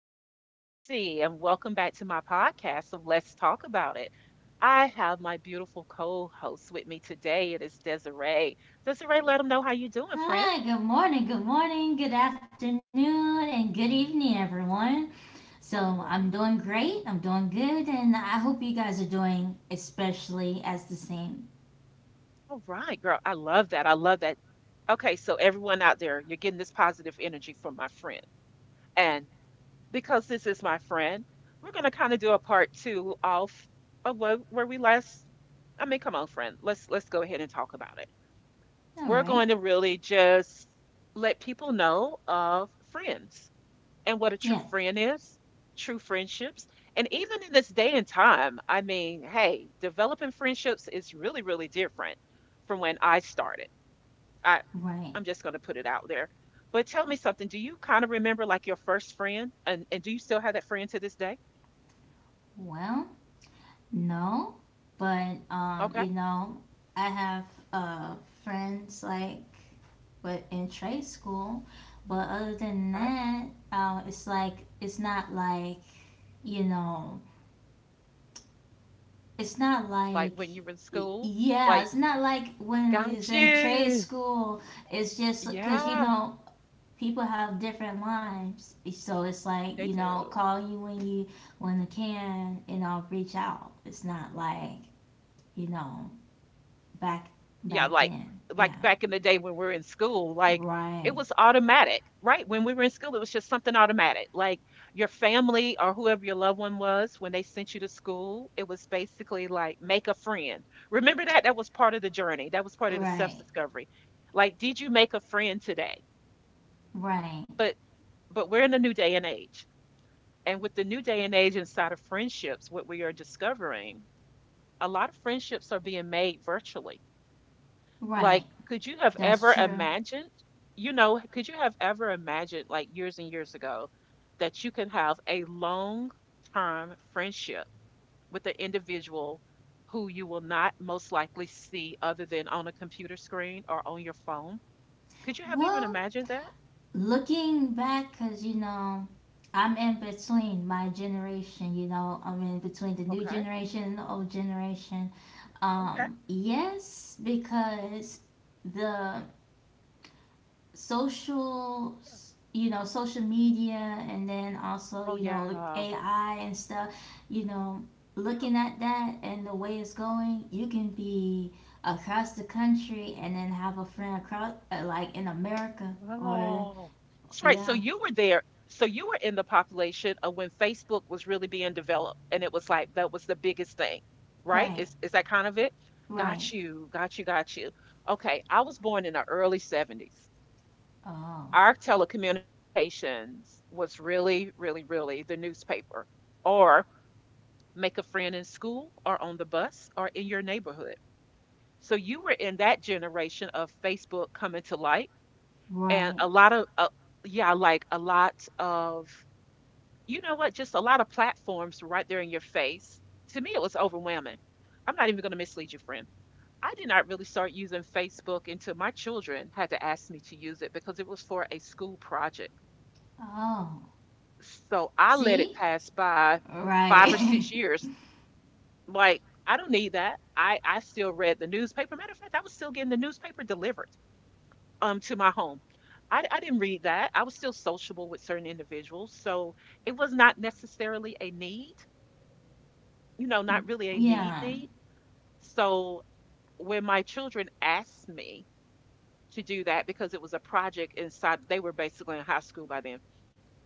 This is Tracy, and welcome back to my podcast of Let's Talk About It. I have my beautiful co-host with me today. It is Desiree. Desiree, let them know how you doing, friend. Hi, good morning, good morning, good afternoon, and good evening, everyone. All So, I'm right, doing great, I'm doing good, and I hope you guys are doing especially as the same. all right, girl. I love that. I love that. Okay, so everyone out there, you're getting this positive energy from my friend, and because this is my friend, we're gonna kind of do a part two of where we last. I mean, come on, friend. Let's go ahead and talk about it. We're All going to right, really just let people know of friends and what a true yeah, friend is, true friendships. And even in this day and time, I mean, hey, developing friendships is really, really different from when I started. I, right. I'm just going to put it out there. But tell me something. Do you kind of remember like your first friend? And do you still have that friend to this day? Well, no, but Okay. you know, I have uh friends like but in trade school, but other than Okay. that, it's like it's not like you know it's not Like like when you were in school? yeah Like, it's not like when he's got in trade you. school. It's just because you Yeah, know people have different lives, so it's like they you know do. call you when I can and I'll reach out. It's not like you know back Yeah, back like then. Yeah, like back in the day when we were in school, like it right, was automatic, right? When we were in school, it was just something automatic. Like, your family or whoever your loved one was, when they sent you to school, it was basically like make a friend. Remember that? That was part of the journey. That was part of the right, self-discovery. Like, did you make a friend today? right, But but we're in a new day and age. And with the new day and age inside of friendships, what we are discovering, a lot of friendships are being made virtually. right, Like, could you have that's ever true. imagined, could you have ever imagined, like, years and years ago, that you can have a long term friendship with an individual who you will not most likely see other than on a computer screen or on your phone? Could you have even Well, imagined that? looking back, because you know I'm in between my generation, you know, I'm in between the new Okay. generation and the old generation. Okay. Yes, because the social, Yeah. you know, social media, and then also Oh, you know like yeah. AI and stuff, you know, Yeah. looking at that and the way it's going, you can be across the country and then have a friend across like in America or Wow. That's right. So yeah you were there. So you were in the population of when Facebook was really being developed, and it was like that was the biggest thing, right? right. Is that kind of it? Right. Got you, got you, got you. Okay, I was born in the early '70s. Oh. Our telecommunications was really, really, really the newspaper, or make a friend in school or on the bus or in your neighborhood. So you were in that generation of Facebook coming to light and Right. a lot of yeah, like a lot of, you know what, just a lot of platforms right there in your face. To me, it was overwhelming. I'm not even going to mislead you, friend. I did not really start using Facebook until my children had to ask me to use it because it was for a school project. Oh. So I let it See? pass by five or Right. six years. Like, I don't need that. I still read the newspaper. Matter of fact, I was still getting the newspaper delivered to my home. I didn't read that. I was still sociable with certain individuals, so it was not necessarily a need, not really a need yeah. need. So when my children asked me to do that because it was a project inside, they were basically in high school by then,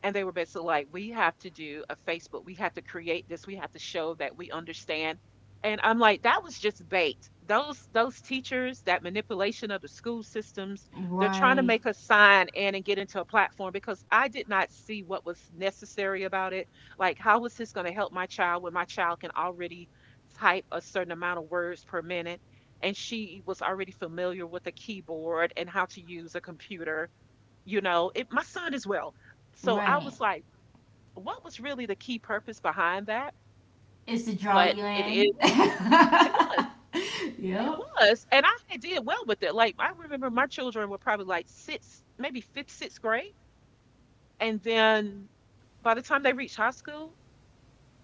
and they were basically like, we have to do a Facebook. We have to create this. We have to show that we understand. And I'm like, that was just bait. Those teachers, that manipulation of the school systems, they're trying to Right. make us sign in and get into a platform because I did not see what was necessary about it. Like, how was this going to help my child when my child can already type a certain amount of words per minute? And she was already familiar with the keyboard and how to use a computer, you know it, my son as well. So I Right. was like, what was really the key purpose behind that? It's to draw but you it is in. it was it yep. was and I did well with it. Like, I remember my children were probably like sixth, maybe fifth, sixth grade. And then by the time they reach high school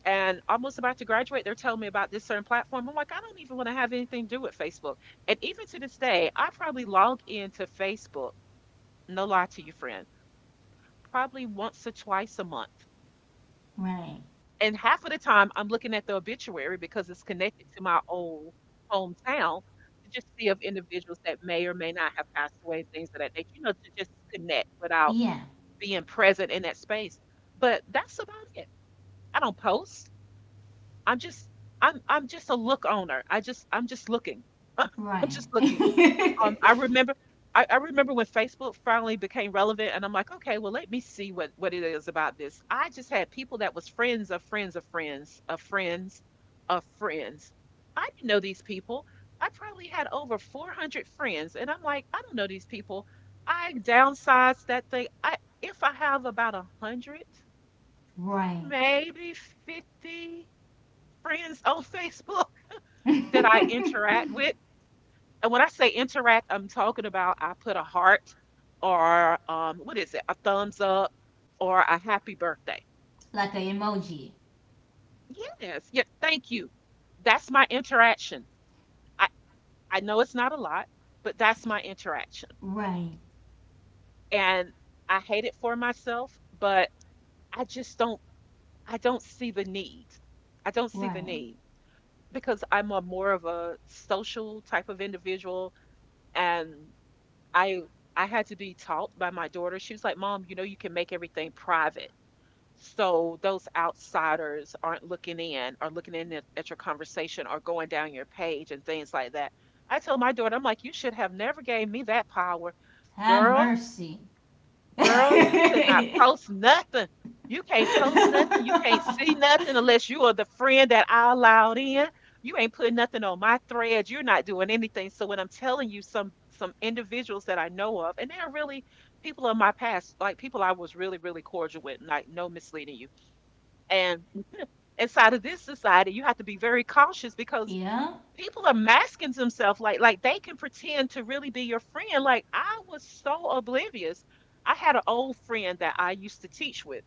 and almost about to graduate, they're telling me about this certain platform. I'm like, I don't even want to have anything to do with Facebook. And even to this day, I probably log into Facebook, no lie to you, friend, probably once or twice a month. Right. And half of the time, I'm looking at the obituary because it's connected to my old hometown, to just see of individuals that may or may not have passed away and things of that nature, to just connect without Yeah. being present in that space. But that's about it. I don't post. I'm just, I'm just a look owner. I'm just looking. I'm Right. just looking. Um, I remember I remember when Facebook finally became relevant, and I'm like, okay, well, let me see what it is about this. I just had people that was friends of friends of friends of friends of friends. I didn't know these people. I probably had over 400 friends, and I'm like, I don't know these people. I downsized that thing. I If I have about 100, right. maybe 50 friends on Facebook that I interact with. And when I say interact, I'm talking about I put a heart or what is it, a thumbs up or a happy birthday. like a emoji. Yes, yeah, thank you. That's my interaction. I, I know it's not a lot, but that's my interaction. Right. And I hate it for myself, but I just don't I don't see the need. I don't see the Right. need because I'm a more of a social type of individual. And I I had to be taught by my daughter. She was like, "Mom, you know you can make everything private, so those outsiders aren't looking in or looking in at your conversation or going down your page and things like that." I told my daughter, "I'm like, you should have never gave me that power, Have girl. mercy. Girl, you could not post nothing. You can't post nothing. You can't see nothing unless you are the friend that I allowed in. You ain't putting nothing on my threads. You're not doing anything. So when I'm telling you some individuals that I know of, and they're really people of my past, like, people I was really, really cordial with, like, no misleading you. And inside of this society, you have to be very cautious because yeah. people are masking themselves, like they can pretend to really be your friend. Like, I was so oblivious. I had an old friend that I used to teach with,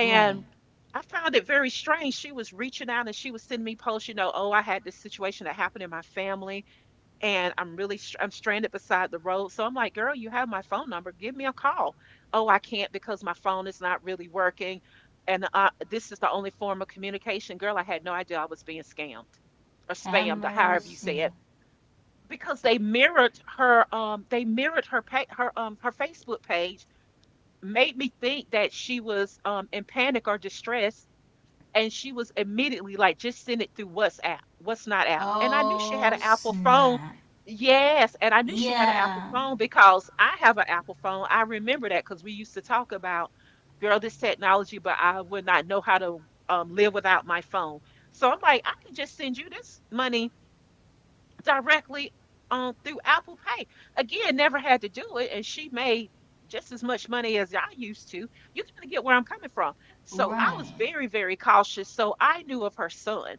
Right. I found it very strange. She was reaching out and she was sending me posts. Oh, I had this situation that happened in my family, and I'm stranded beside the road. So I'm like, girl, you have my phone number. Give me a call. Oh, I can't because my phone is not really working. And this is the only form of communication. Girl, I had no idea I was being scammed or Have spammed or however you say mercy. it, because they mirrored her Facebook page, made me think that she was in panic or distress. And she was immediately like, just send it through WhatsApp, what's not app. And I knew she had Oh an Apple phone. snap. Yes. And I knew she had an Apple Yeah. phone because I have an Apple phone. I remember that because we used to talk about, girl, this technology, but I would not know how to live without my phone. So I'm like, I can just send you this money directly on through Apple Pay. Again, never had to do it, and she made just as much money as I used to. You kind of get where I'm coming from. So I was Right, very, very cautious. So I knew of her son.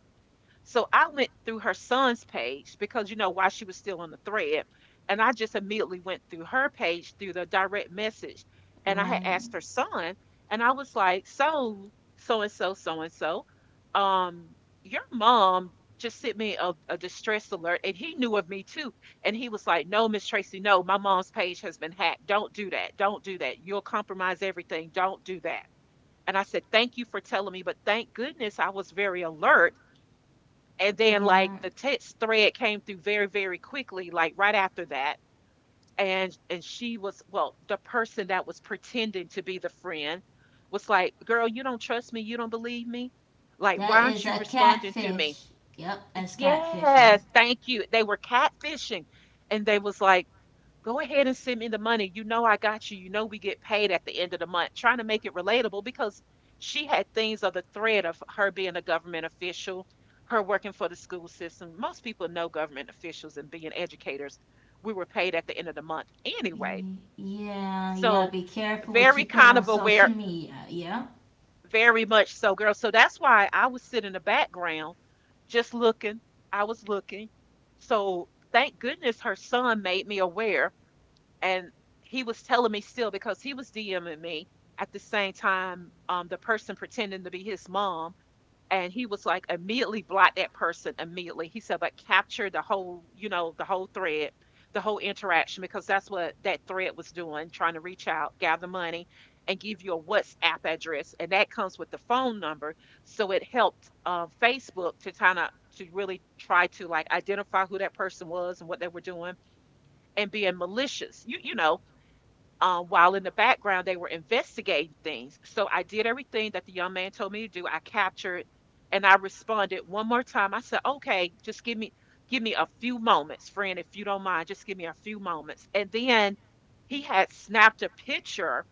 So I went through her son's page because while she was still on the thread, and I just immediately went through her page through the direct message, and I had right. asked her son, and I was like, "So, so and so, so and so, um, your mom just sent me a distress alert, and he knew of me too, and he was like, "No, Miss Tracy, no, my mom's page has been hacked. Don't do that. Don't do that. You'll compromise everything. Don't do that." And I said, "Thank you for telling me, but thank goodness I was very alert." And then, Yeah. like, the text thread came through very, very quickly, like right after that. And she was, well, the person that was pretending to be the friend was like, "Girl, you don't trust me, you don't believe me. Like, why That aren't is you a responding to me?" catfish. Yep, that's catfishing. Yes, thank you. They were catfishing. And they was like, "Go ahead and send me the money. You know I got you. You know we get paid at the end of the month." Trying to make it relatable because she had things of the thread of her being a government official, her working for the school system. Most people know government officials and being educators. We were paid at the end of the month anyway. Yeah, you gotta So be careful what very you put kind on of social aware, media. Yeah. very much so, girl. So that's why I was sitting in the background just looking. I was looking. So thank goodness her son made me aware, and he was telling me still because he was DMing me at the same time, the person pretending to be his mom. And he was like, "Immediately block that person immediately." He said, "But capture the whole, you know, the whole thread, the whole interaction," because that's what that thread was doing, trying to reach out, gather money, and give you a WhatsApp address. And that comes with the phone number. So it helped Facebook to kind of to really try to like identify who that person was and what they were doing and being malicious. You know, while in the background they were investigating things. So I did everything that the young man told me to do. I captured, and I responded one more time. I said, "Okay, just give me a few moments, friend, if you don't mind, just give me a few moments." And then he had snapped a picture,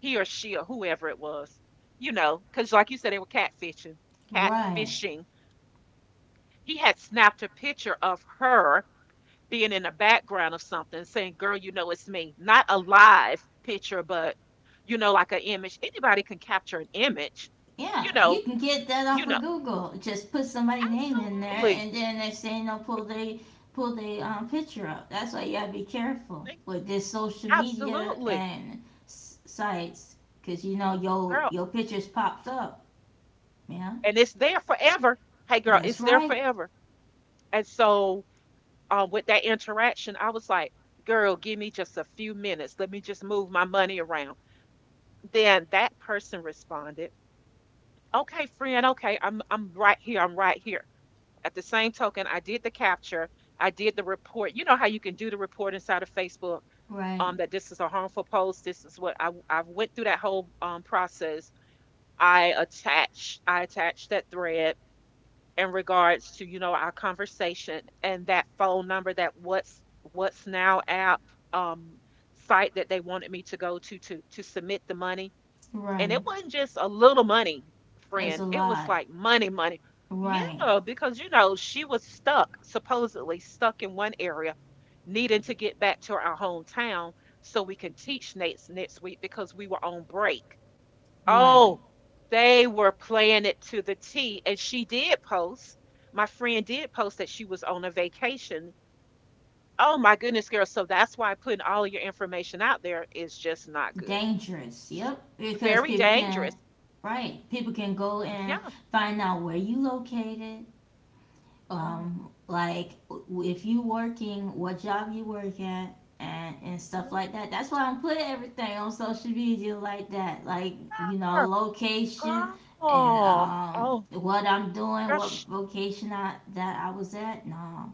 he or she or whoever it was, you know, because like you said, they were catfishing, Right. catfishing. He had snapped a picture of her being in the background of something saying, "Girl, you know it's me." Not a live picture, but you know, like an image. Anybody can capture an image, Yeah, you you know, can get that off you of know, Google. Just put somebody's name in there, absolutely. and then next thing they'll pull the picture up. That's why you gotta be careful Like, with this social media absolutely. and sites, cause you know your Girl. your pictures pops up. Yeah, And it's there forever. Hey girl, that's it's there right, forever. And so with that interaction, I was like, "Girl, give me just a few minutes. Let me just move my money around." Then that person responded, "Okay, friend, okay, I'm right here. I'm right here." At the same token, I did the capture. I did the report. You know how you can do the report inside of Facebook, right, that this is a harmful post. This is what I went through that whole process. I attached that thread in regards to, you know, our conversation and that phone number, that what's now app um, site that they wanted me to go to to submit the money. And it right. wasn't just a little money, friend. It's a It was lot, like money, money. right, Yeah, because you know, she was stuck, supposedly stuck in one area, needing to get back to our hometown so we can teach next week because we were on break. right. Oh, they were playing it to the T. And she did post. My friend did post that she was on a vacation. Oh my goodness, girl. So that's why putting all of your information out there is just not good. Dangerous. S- Yep, because very people can, dangerous. right, people can go and Yeah. find out where you located Oh, um like if you working, what job you work at, and stuff like that. That's yes. why I'm putting everything on social media like that, like you know, Ah, location and girl. Oh, what I'm doing, what gosh. vocation I was at. No.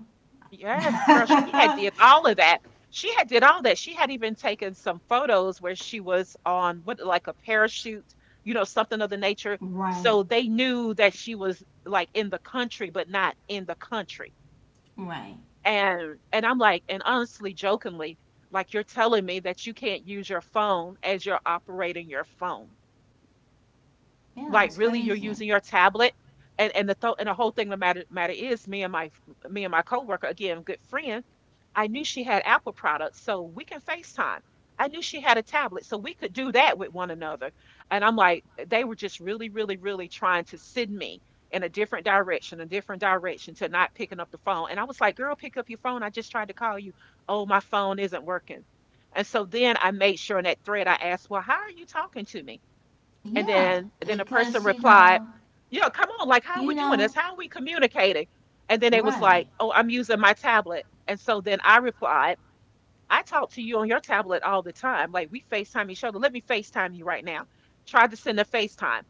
Yes, girl. She had did all of that. She had did all that. She had even taken some photos where she was on what like a parachute, you know, something of the nature. Right, So they knew that she was like in the country, but not in the country. right, And I'm like, and honestly, jokingly, like, you're telling me that you can't use your phone as you're operating your phone. yeah, Like, that's really, you're crazy. using your tablet? And the whole thing, the matter is, me and my coworker, again, good friend, I knew she had Apple products so we can FaceTime. I knew she had a tablet so we could do that with one another. And I'm like, they were just really trying to send me in a different direction, a different direction, to not picking up the phone. And I was like, "Girl, pick up your phone. I just tried to call you." "Oh, my phone isn't working." And so then I made sure in that thread, I asked, "Well, how are you talking to me?" And Yeah, then the person because you replied, know "Yeah, come on, like how are you we doing know this? How are we communicating?" And then they was right. like, "Oh, I'm using my tablet." And so then I replied, "I talk to you on your tablet all the time. Like, we FaceTime each other. Let me FaceTime you right now." Tried to send a FaceTime.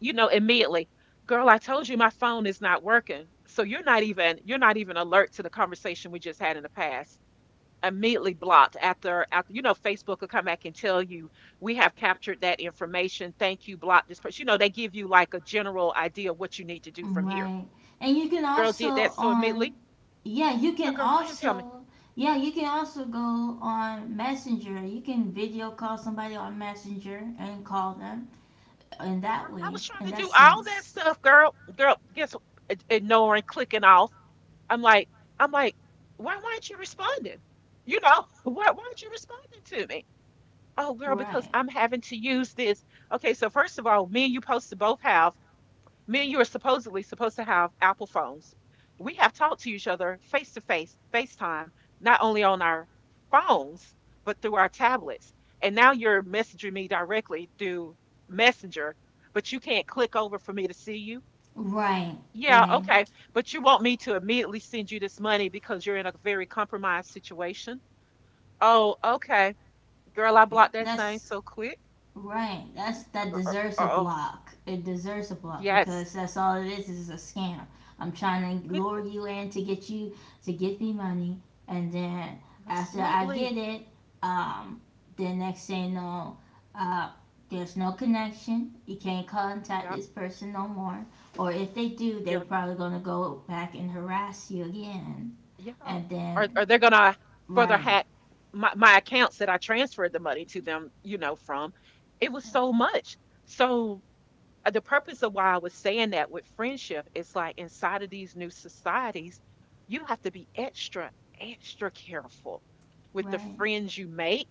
You know, immediately, "Girl, I told you my phone is not working. So you're not even alert to the conversation we just had in the past." Immediately blocked. After you know, Facebook will come back and tell you, "We have captured that information. Thank you. Block this person." You know, they give you like a general idea of what you need to do from here. Right. And you can Girl, did that also so immediately. on yeah, you Yeah can girl, go ahead and tell me. also yeah, you can also go on Messenger. You can video call somebody on Messenger and call them in that I way, was trying in to that do all that sense. stuff, girl. Girl, guess what? Ignoring, clicking off. I'm like, I'm like, why weren't you responding? You know, why weren't you responding to me? Oh girl, because Right. I'm having to use this. Okay, so first of all, me and you supposed to both have, me and you are supposedly supposed to have Apple phones. We have talked to each other face to face, FaceTime, not only on our phones, but through our tablets. And now you're messaging me directly through Messenger, but you can't click over for me to see you. Right. Yeah, Right. okay. But you want me to immediately send you this money because you're in a very compromised situation? Oh, okay. Girl, I blocked that thing That's so quick. Right. That's that Gr- deserves a oh, block. It deserves a block yes, because that's all it is. Is a scam. I'm trying to it lure you is. in to get you to give me money, and then after I Absolutely. get it, um, then next thing no. know, uh, there's no connection. You can't contact Yep. this person no more. Or if they do, they You're probably gonna go back and harass you again. yeah. And then Or they're gonna further right, hack my accounts that I transferred the money to them, you know, from. It was so much. So the purpose of why I was saying that with friendship, it's like inside of these new societies, you have to be extra, extra careful with the right, friends you make.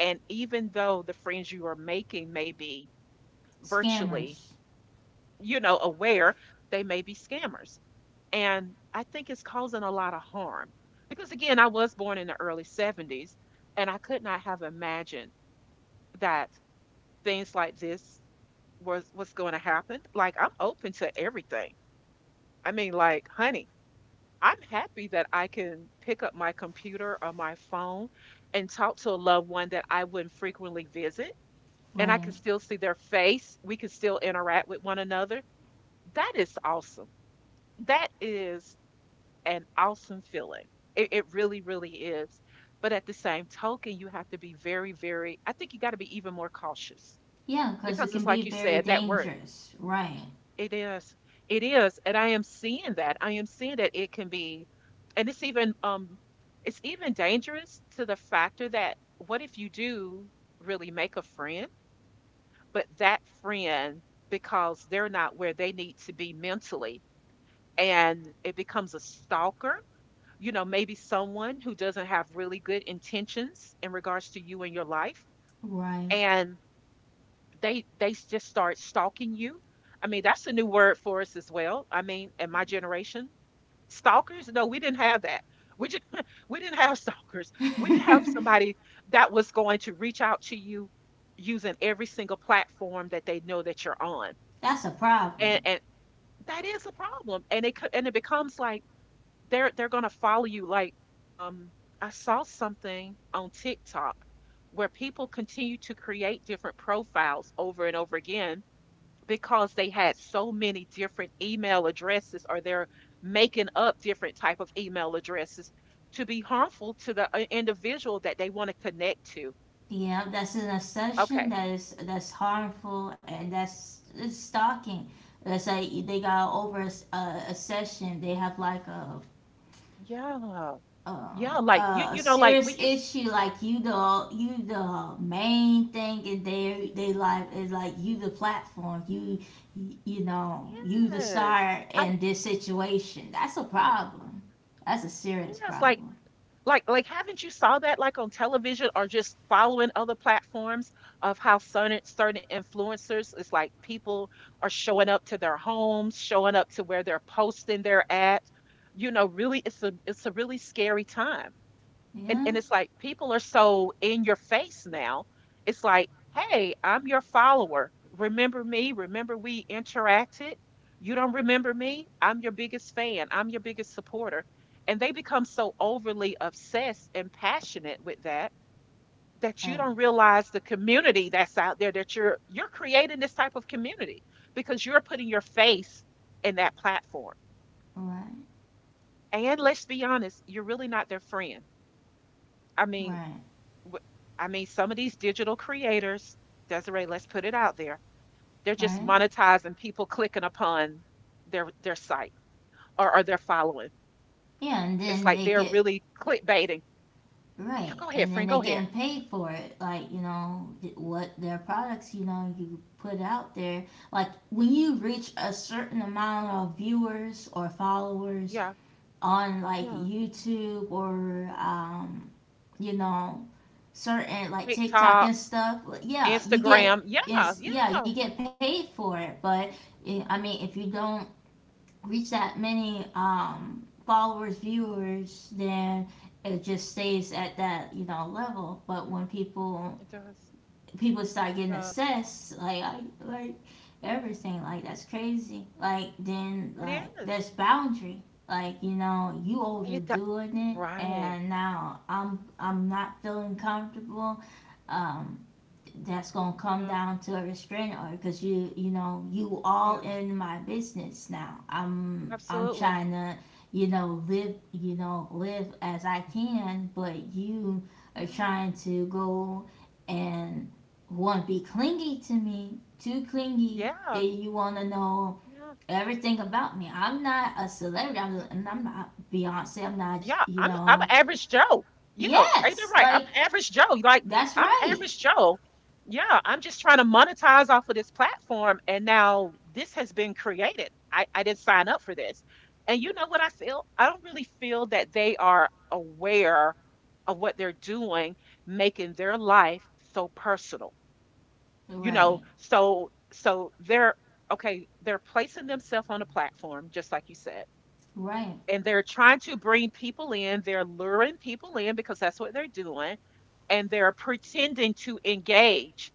And even though the friends you are making may be virtually, scammers, you know, aware, they may be scammers. And I think it's causing a lot of harm because, again, I was born in the early 70s, and I could not have imagined that things like this was going to happen. Like, I'm open to everything. I mean, like, honey, I'm happy that I can pick up my computer or my phone and talk to a loved one that I wouldn't frequently visit. And I right. can still see their face. We can still interact with one another. That is awesome. That is an awesome feeling. It really, really is. But at the same token, you have to be very, very, I think you got to be even more cautious, Yeah, because because it it's can like be you very said, that word, dangerous. Right. it is. It is. And I am seeing that. I am seeing that it can be, and it's even dangerous to the factor that, what if you do really make a friend, but that friend, because they're not where they need to be mentally, and it becomes a stalker, you know, maybe someone who doesn't have really good intentions in regards to you and your life, Right. and they just start stalking you. I mean, that's a new word for us as well. I mean, in my generation, stalkers, no, we didn't have that. We just, we didn't have stalkers. We didn't have somebody that was going to reach out to you using every single platform that they know that you're on. That's a problem. And that is a problem. And and it becomes like they're gonna follow you. Like, I saw something on TikTok where people continue to create different profiles over and over again because they had so many different email addresses, or they're making up different type of email addresses to be harmful to the individual that they want to connect to. Yeah, that's an obsession. Okay. That is, that's harmful, and that's it's stalking. Let's say they got over a obsession. They have like Yeah, yeah, like, you a you know, like, we serious used, issue. Like you the main thing in their they life, is like you the platform, you know, you the yes, star I'm, in this situation. That's a problem, that's a serious yes, like problem. Like like haven't you saw that like on television or just following other platforms of how certain certain influencers, it's like people are showing up to their homes, showing up to where they're posting their at. You know, really it's a really scary time Yeah, and it's like people are so in your face now. It's like, "Hey, I'm your follower. Remember me? Remember we interacted?" You don't remember me? I'm your biggest fan. I'm your biggest supporter. And they become so overly obsessed and passionate with that that you and don't realize the community that's out there that you're creating this type of community because you're putting your face in that platform. right, And let's be honest, you're really not their friend. I mean, right, w- I mean, some of these digital creators, Desiree, let's put it out there. They're just right, monetizing people clicking upon their site or their following. yeah, and It's then like they they're get. really clickbaiting. Yeah, Right, go ahead, and then friend. they Go ahead. getting paid for it. Like you know what their products you know you put out there. Like when you reach a certain amount of viewers or followers Yeah, on like yeah. YouTube or you know, certain like TikTok TikTok, and stuff. Like, yeah, you get Instagram. Yeah, it's yeah yeah. you get paid for it. But I mean if you don't reach that many followers, viewers, then it just stays at that you know level. But when people It does. people start It getting does. assessed, like like everything, like that's crazy. Like then It like is. there's boundary. Like you know you It does. overdoing it, Right. and now I'm not feeling comfortable. Um, that's gonna come Yeah. down to a restraint order, because you know, you all Yeah. in my business now. I'm Absolutely. trying to you know live, you know, live as I can, but you are Yeah. trying to go and want to be clingy to me, too clingy, Yeah. and you want to know Yeah. everything about me. I'm not a celebrity. Yeah. I'm not Beyonce, I'm not Yeah, you I'm a know average Joe. Yeah, ain't that yes right? I'm like a average Joe. Like that's I'm a right average Joe. Yeah, I'm just trying to monetize off of this platform, and now this has been created. I didn't sign up for this, and you know what I feel? I don't really feel that they are aware of what they're doing, making their life so personal. You know, right so they're okay. They're placing themselves on a platform, just like you said, right and they're trying to bring people in. They're luring people in because that's what they're doing, and they're pretending to engage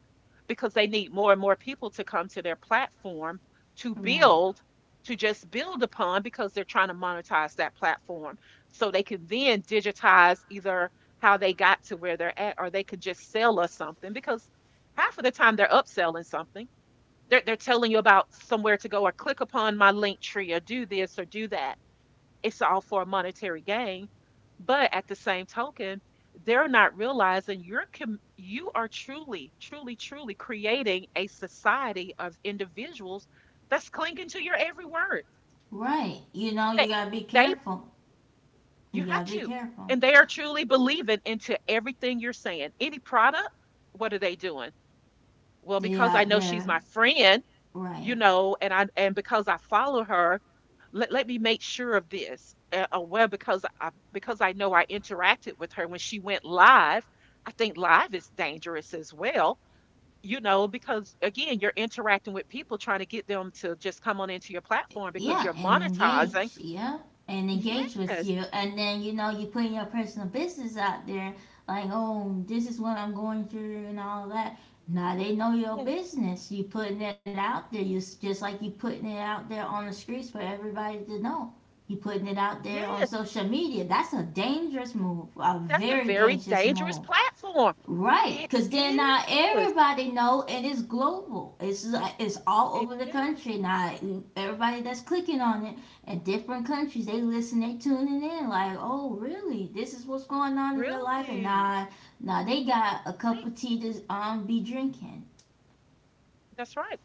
because they need more and more people to come to their platform to right. build, to just build upon because they're trying to monetize that platform so they can then digitize either how they got to where they're at or they could just sell us something because half of the time they're upselling something. They're telling you about somewhere to go or click upon my link tree or do this or do that, it's all for a monetary gain. But at the same token, they're not realizing you are truly, truly, truly creating a society of individuals that's clinging to your every word. Right. You know, They, you gotta be they, careful. You you have gotta be to, careful. and they are truly believing into everything you're saying. Any product, what are they doing? Well, They because I out know she's there, my friend, right? you know, and I and because I follow her, let me make sure of this. Because I know I interacted with her when she went live. I think live is dangerous as well, you know, because again, you're interacting with people trying to get them to just come on into your platform because Yeah, you're and monetizing. engage. Yeah, and engage with Yes, you, and then you know you putting your personal business out there, like oh, this is what I'm going through and all that. Now they know your yes, business. You putting it out there. You just like you putting it out there on the streets for everybody to know. You putting it out there on yes. social media. That's a dangerous move. A That's a very very dangerous dangerous move. platform. Right, It because then now is. everybody know, and it's global. It's like, it's all It over the is. country now. Everybody that's clicking on it in different countries, they listen, they tuning in. Like, oh, really? This is what's going on in your life, and Really. now they got a cup of Thank you. tea to be drinking. That's right.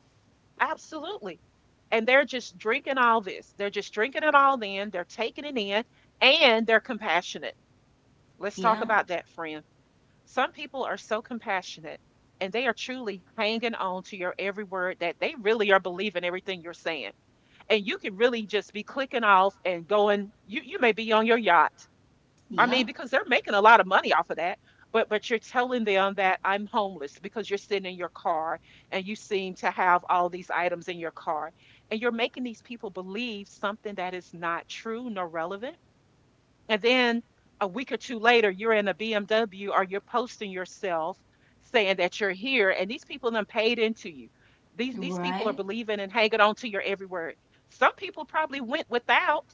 Absolutely. And they're just drinking all this. They're just drinking it all in. They're taking it in and they're compassionate. Let's talk Yeah, about that, friend. Some people are so compassionate and they are truly hanging on to your every word that they really are believing everything you're saying. And you can really just be clicking off and going, you may be on your yacht. I yeah, mean, because they're making a lot of money off of that. But you're telling them that I'm homeless because you're sitting in your car and you seem to have all these items in your car. And you're making these people believe something that is not true nor relevant. And then a week or two later, you're in a BMW or you're posting yourself saying that you're here, and these people done paid into you. These people are right, believing and hanging on to your every word. Some people probably went without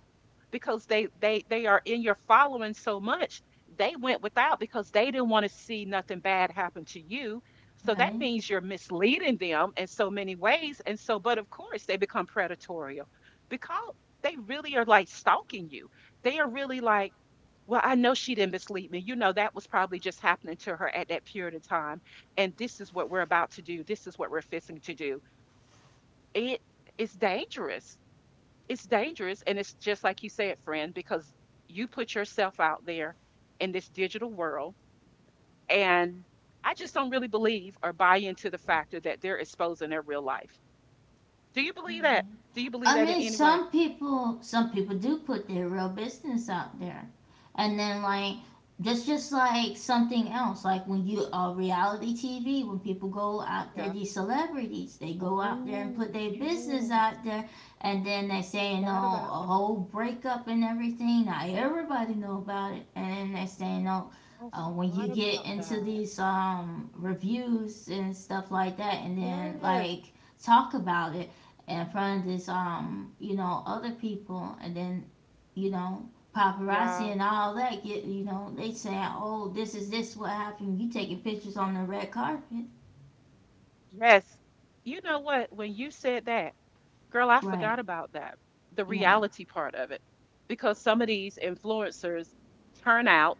because they are in your following so much. They went without because they didn't want to see nothing bad happen to you. So that right, means you're misleading them in so many ways. And so, but of course, they become predatorial because they really are like stalking you, they are really like, well, I know she didn't mislead me. You know, that was probably just happening to her at that period of time. And this is what we're about to do. This is what we're fixing to do. It is dangerous. It's dangerous. And it's just like you said, friend, because you put yourself out there in this digital world. And I just don't really believe or buy into the factor that they're exposing their real life. Do you right. believe that? Do you believe I that in mean, any way? Some people do put their real business out there, and then like just like something else. Like when you reality TV, when people go out there, Yeah. these celebrities, they go out there and Oh, put their business yes. out there, and then they I say, you know, forgot about a whole breakup and everything. Now everybody know about it, and then they say, you know, I when thought you get about into that. these reviews and stuff like that, and then Yes. like talk about it in front of this you know other people, and then you know paparazzi Yeah. and all that get, you know, they saying oh this is this what happened, you taking pictures on the red carpet Yes. You know what? When you said that, girl, I right forgot about that. The yeah reality part of it. Because some of these influencers turn out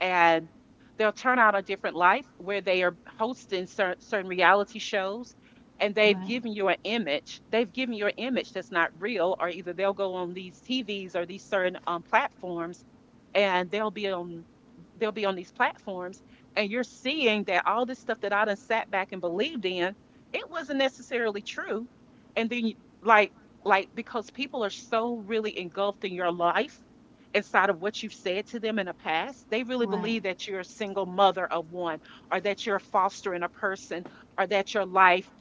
and they'll turn out a different life where they are hosting certain reality shows and right they've given you an image that's not real, or either they'll go on these TVs or these certain platforms and they'll be on these platforms and you're seeing that all this stuff that I done sat back and believed in, it wasn't necessarily true, and then you- like like because people are so really engulfed in your life inside of what you've said to them in the past, they really right believe that you're a single mother of one, or that you're fostering a person, or that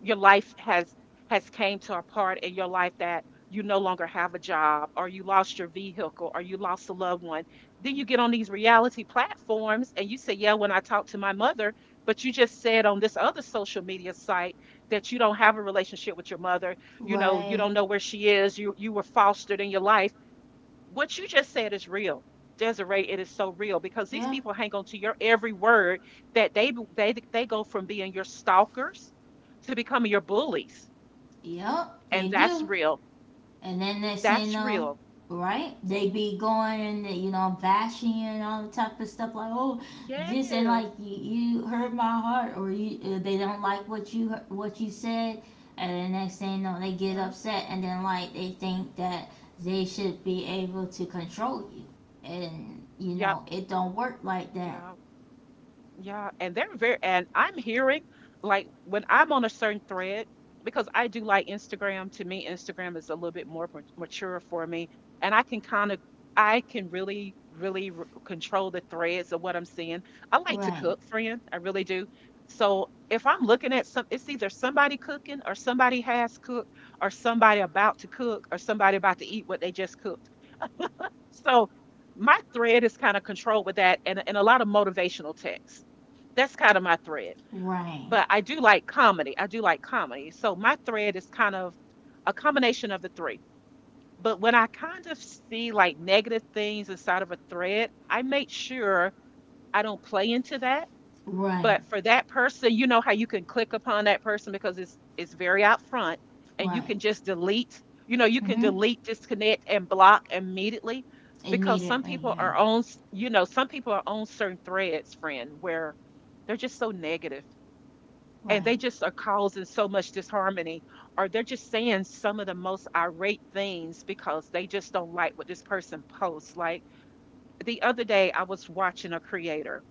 your life has came to a part in your life that you no longer have a job, or you lost your vehicle, or you lost a loved one. Then you get on these reality platforms and you say, "Yeah, when I talked to my mother," but you just said on this other social media site that you don't have a relationship with your mother. You know, you right don't know where she is. You were fostered in your life. What you just said is real. Desiree, it is so real because these yeah people hang on to your every word, that they go from being your stalkers to becoming your bullies. yep they And that's do. real. And then they say That's no, real. right? They be going and you know bashing and all the type of stuff like oh this, and Yes. like you hurt my heart, or you they don't like what you said, and the next thing you know they get Yeah. upset, and then like they think that they should be able to control you, and you know Yep. it don't work like that. Yep. Yeah, and they're very, and I'm hearing, like when I'm on a certain thread, because I do like Instagram, to me, Instagram is a little bit more mature for me, and I can really, really r control the threads of what I'm seeing. I like to Right, cook, friend, I really do. So if I'm looking at some, it's either somebody cooking or somebody has cooked or somebody about to cook or somebody about to eat what they just cooked. So my thread is kind of controlled with that, and a lot of motivational texts. That's kind of my thread. right, But I do like comedy. I do like comedy. So my thread is kind of a combination of the three. But when I kind of see like negative things inside of a thread, I make sure I don't play into that. right, But for that person, you know how you can click upon that person because it's very out front and you right, can just delete, you know, you can mm-hmm, delete, disconnect, and block immediately because some immediately people right are on, s- you know, some people are on certain threads, friend, where they're just so negative and they right. just are causing so much disharmony or they're just saying some of the most irate things because they just don't like what this person posts. Like the other day, I was watching a creator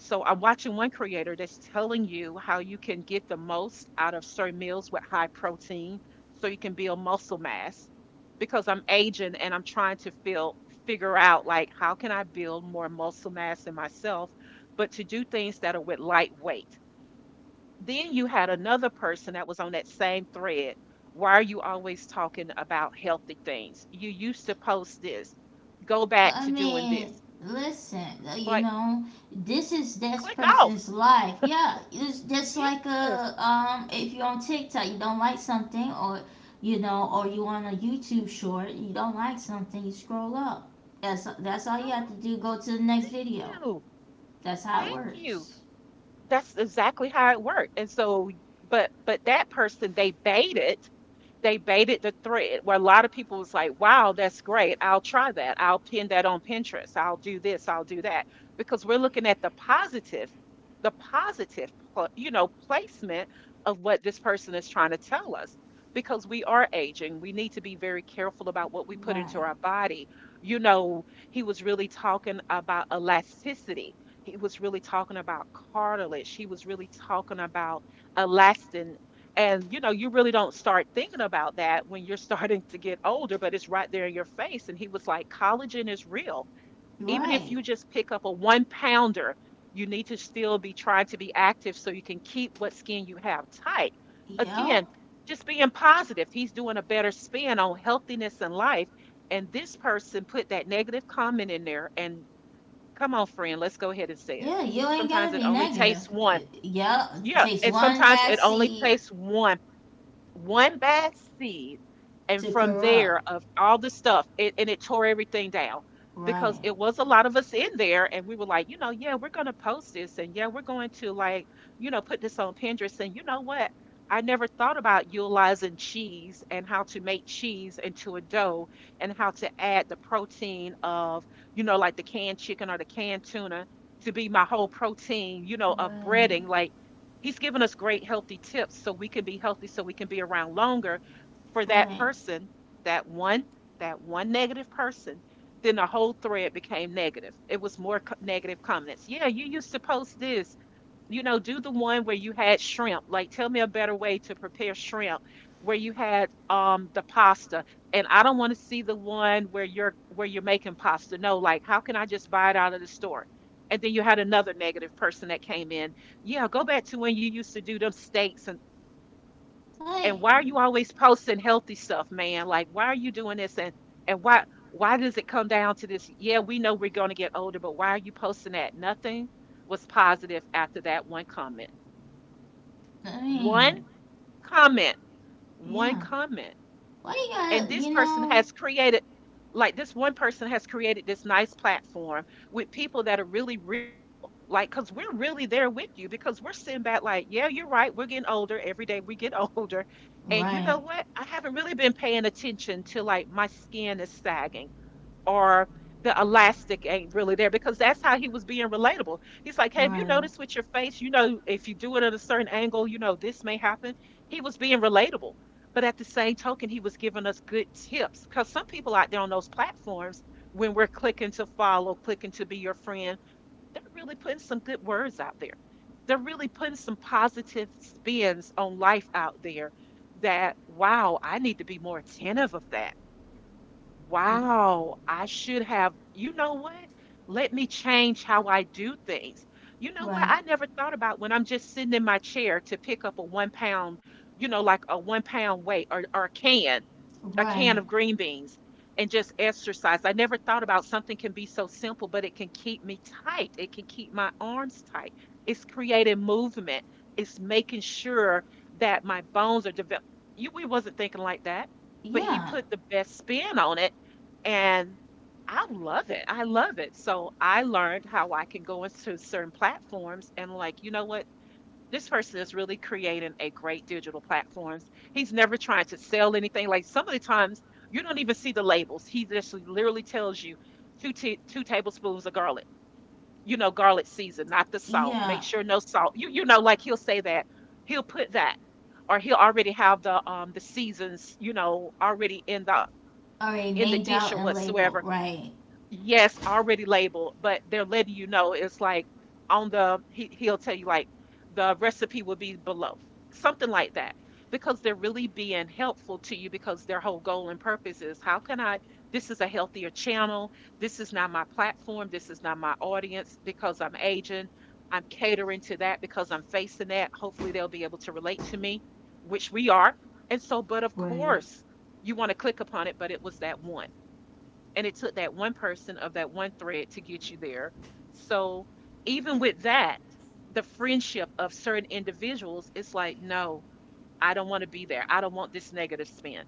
so I'm watching one creator that's telling you how you can get the most out of certain meals with high protein so you can build muscle mass because I'm aging and I'm trying to feel figure out like how can I build more muscle mass in myself, but to do things that are with light weight. Then you had another person that was on that same thread. Why are you always talking about healthy things? You used to post this. Go back I to doing mean, this. listen, you Like know, this is this click off. person's life. Yeah, it's just Yes. like Girl, a if you're on TikTok, you don't like something, or you know, or you on a YouTube short, you don't like something, you scroll up. That's all you have to do. Go to the next video. you. That's how it Thank you. works. That's exactly how it worked. And so, but that person, they baited the thread where a lot of people was like, wow, that's great. I'll try that. I'll pin that on Pinterest. I'll do this. I'll do that. Because we're looking at the positive, you know, placement of what this person is trying to tell us. Because we are aging, we need to be very careful about what we put into Right. our body. You know, he was really talking about elasticity. He was really talking about cartilage. He was really talking about elastin and you know, you really don't start thinking about that when you're starting to get older, but it's right there in your face. And he was like, collagen is real. Even if Right. you just pick up a one pounder, you need to still be trying to be active so you can keep what skin you have tight. Yep. Again, just being positive. He's doing a better spin on healthiness and life. And this person put that negative comment in there. And come on, friend, let's go ahead and say it. Yeah, you ain't Sometimes gotta it be only negative. takes one. Yep. It Yeah. takes And one sometimes bad it only seed takes one bad seed, and to from corrupt. there of all the stuff it, and it tore everything down because Right. it was a lot of us in there and we were like, you know, yeah, we're going to post this, and yeah, we're going to like, put this on Pinterest. And you know what? I never thought about utilizing cheese and how to make cheese into a dough, and how to add the protein of, you know, like the canned chicken or the canned tuna to be my whole protein, of Right. breading, like. He's given us great healthy tips so we can be healthy, so we can be around longer for that Right. person, that one, that one negative person. Then the whole thread became negative. It was more negative comments. Yeah, you used to post this, do the one where you had shrimp. Like, tell me a better way to prepare shrimp where you had the pasta. And I don't want to see the one where you're making pasta. No, like how can I just buy it out of the store? And then you had another negative person that came in. Yeah, go back to when you used to do them steaks Like, and why are you always posting healthy stuff, man? Like why are you doing this, and why does it come down to this? Yeah, we know we're going to get older, but why are you posting that? Nothing was positive after that one comment, I one mean, comment, one yeah. comment. Why you And gotta, this you person know? has created, like, this one person has created this nice platform with people that are really real. Like, because we're really there with you because we're sitting back, like, yeah, you're right. We're getting older. Every day we get older. And you know Right. what? I haven't really been paying attention to, like, my skin is sagging, or the elastic ain't really there, because that's how he was being relatable. He's like, "Hey, have you Right. noticed with your face? You know, if you do it at a certain angle, you know, this may happen." He was being relatable. But at the same token, he was giving us good tips because some people out there on those platforms, when we're clicking to follow, clicking to be your friend, they're really putting some good words out there. They're really putting some positive spins on life out there that, wow, I need to be more attentive of that. Wow, I should have. You know what? Let me change how I do things. You know what? Right. I never thought about when I'm just sitting in my chair to pick up a 1 pound, you know, like a 1 pound weight, or a can, a can Right. of green beans, and just exercise. I never thought about something can be so simple, but it can keep me tight. It can keep my arms tight. It's creating movement. It's making sure that my bones are developed. You, we wasn't thinking like that, but he Yeah. put the best spin on it, and I love it. I love it. So I learned how I can go into certain platforms, and like, you know what? This person is really creating a great digital platforms. He's never trying to sell anything. Like, some of the times you don't even see the labels. He just literally tells you two tablespoons of garlic. You know, garlic season, not the salt. Make Yeah. sure no salt. You know, like, he'll say that. He'll put that, or he'll already have the seasons. You know, already Already in the named dish out or and labeled. whatsoever. Right. Yes, already labeled, but they're letting you know it's like on the he'll tell you, like, the recipe will be below. Something like that. Because they're really being helpful to you, because their whole goal and purpose is how can I, this is a healthier channel. This is not my platform. This is not my audience because I'm aging. I'm catering to that because I'm facing that. Hopefully they'll be able to relate to me, which we are. And so, but of Right. course, you want to click upon it, but it was that one, and it took that one person of that one thread to get you there. So even with that, the friendship of certain individuals, it's like, no, I don't want to be there. I don't want this negative spin.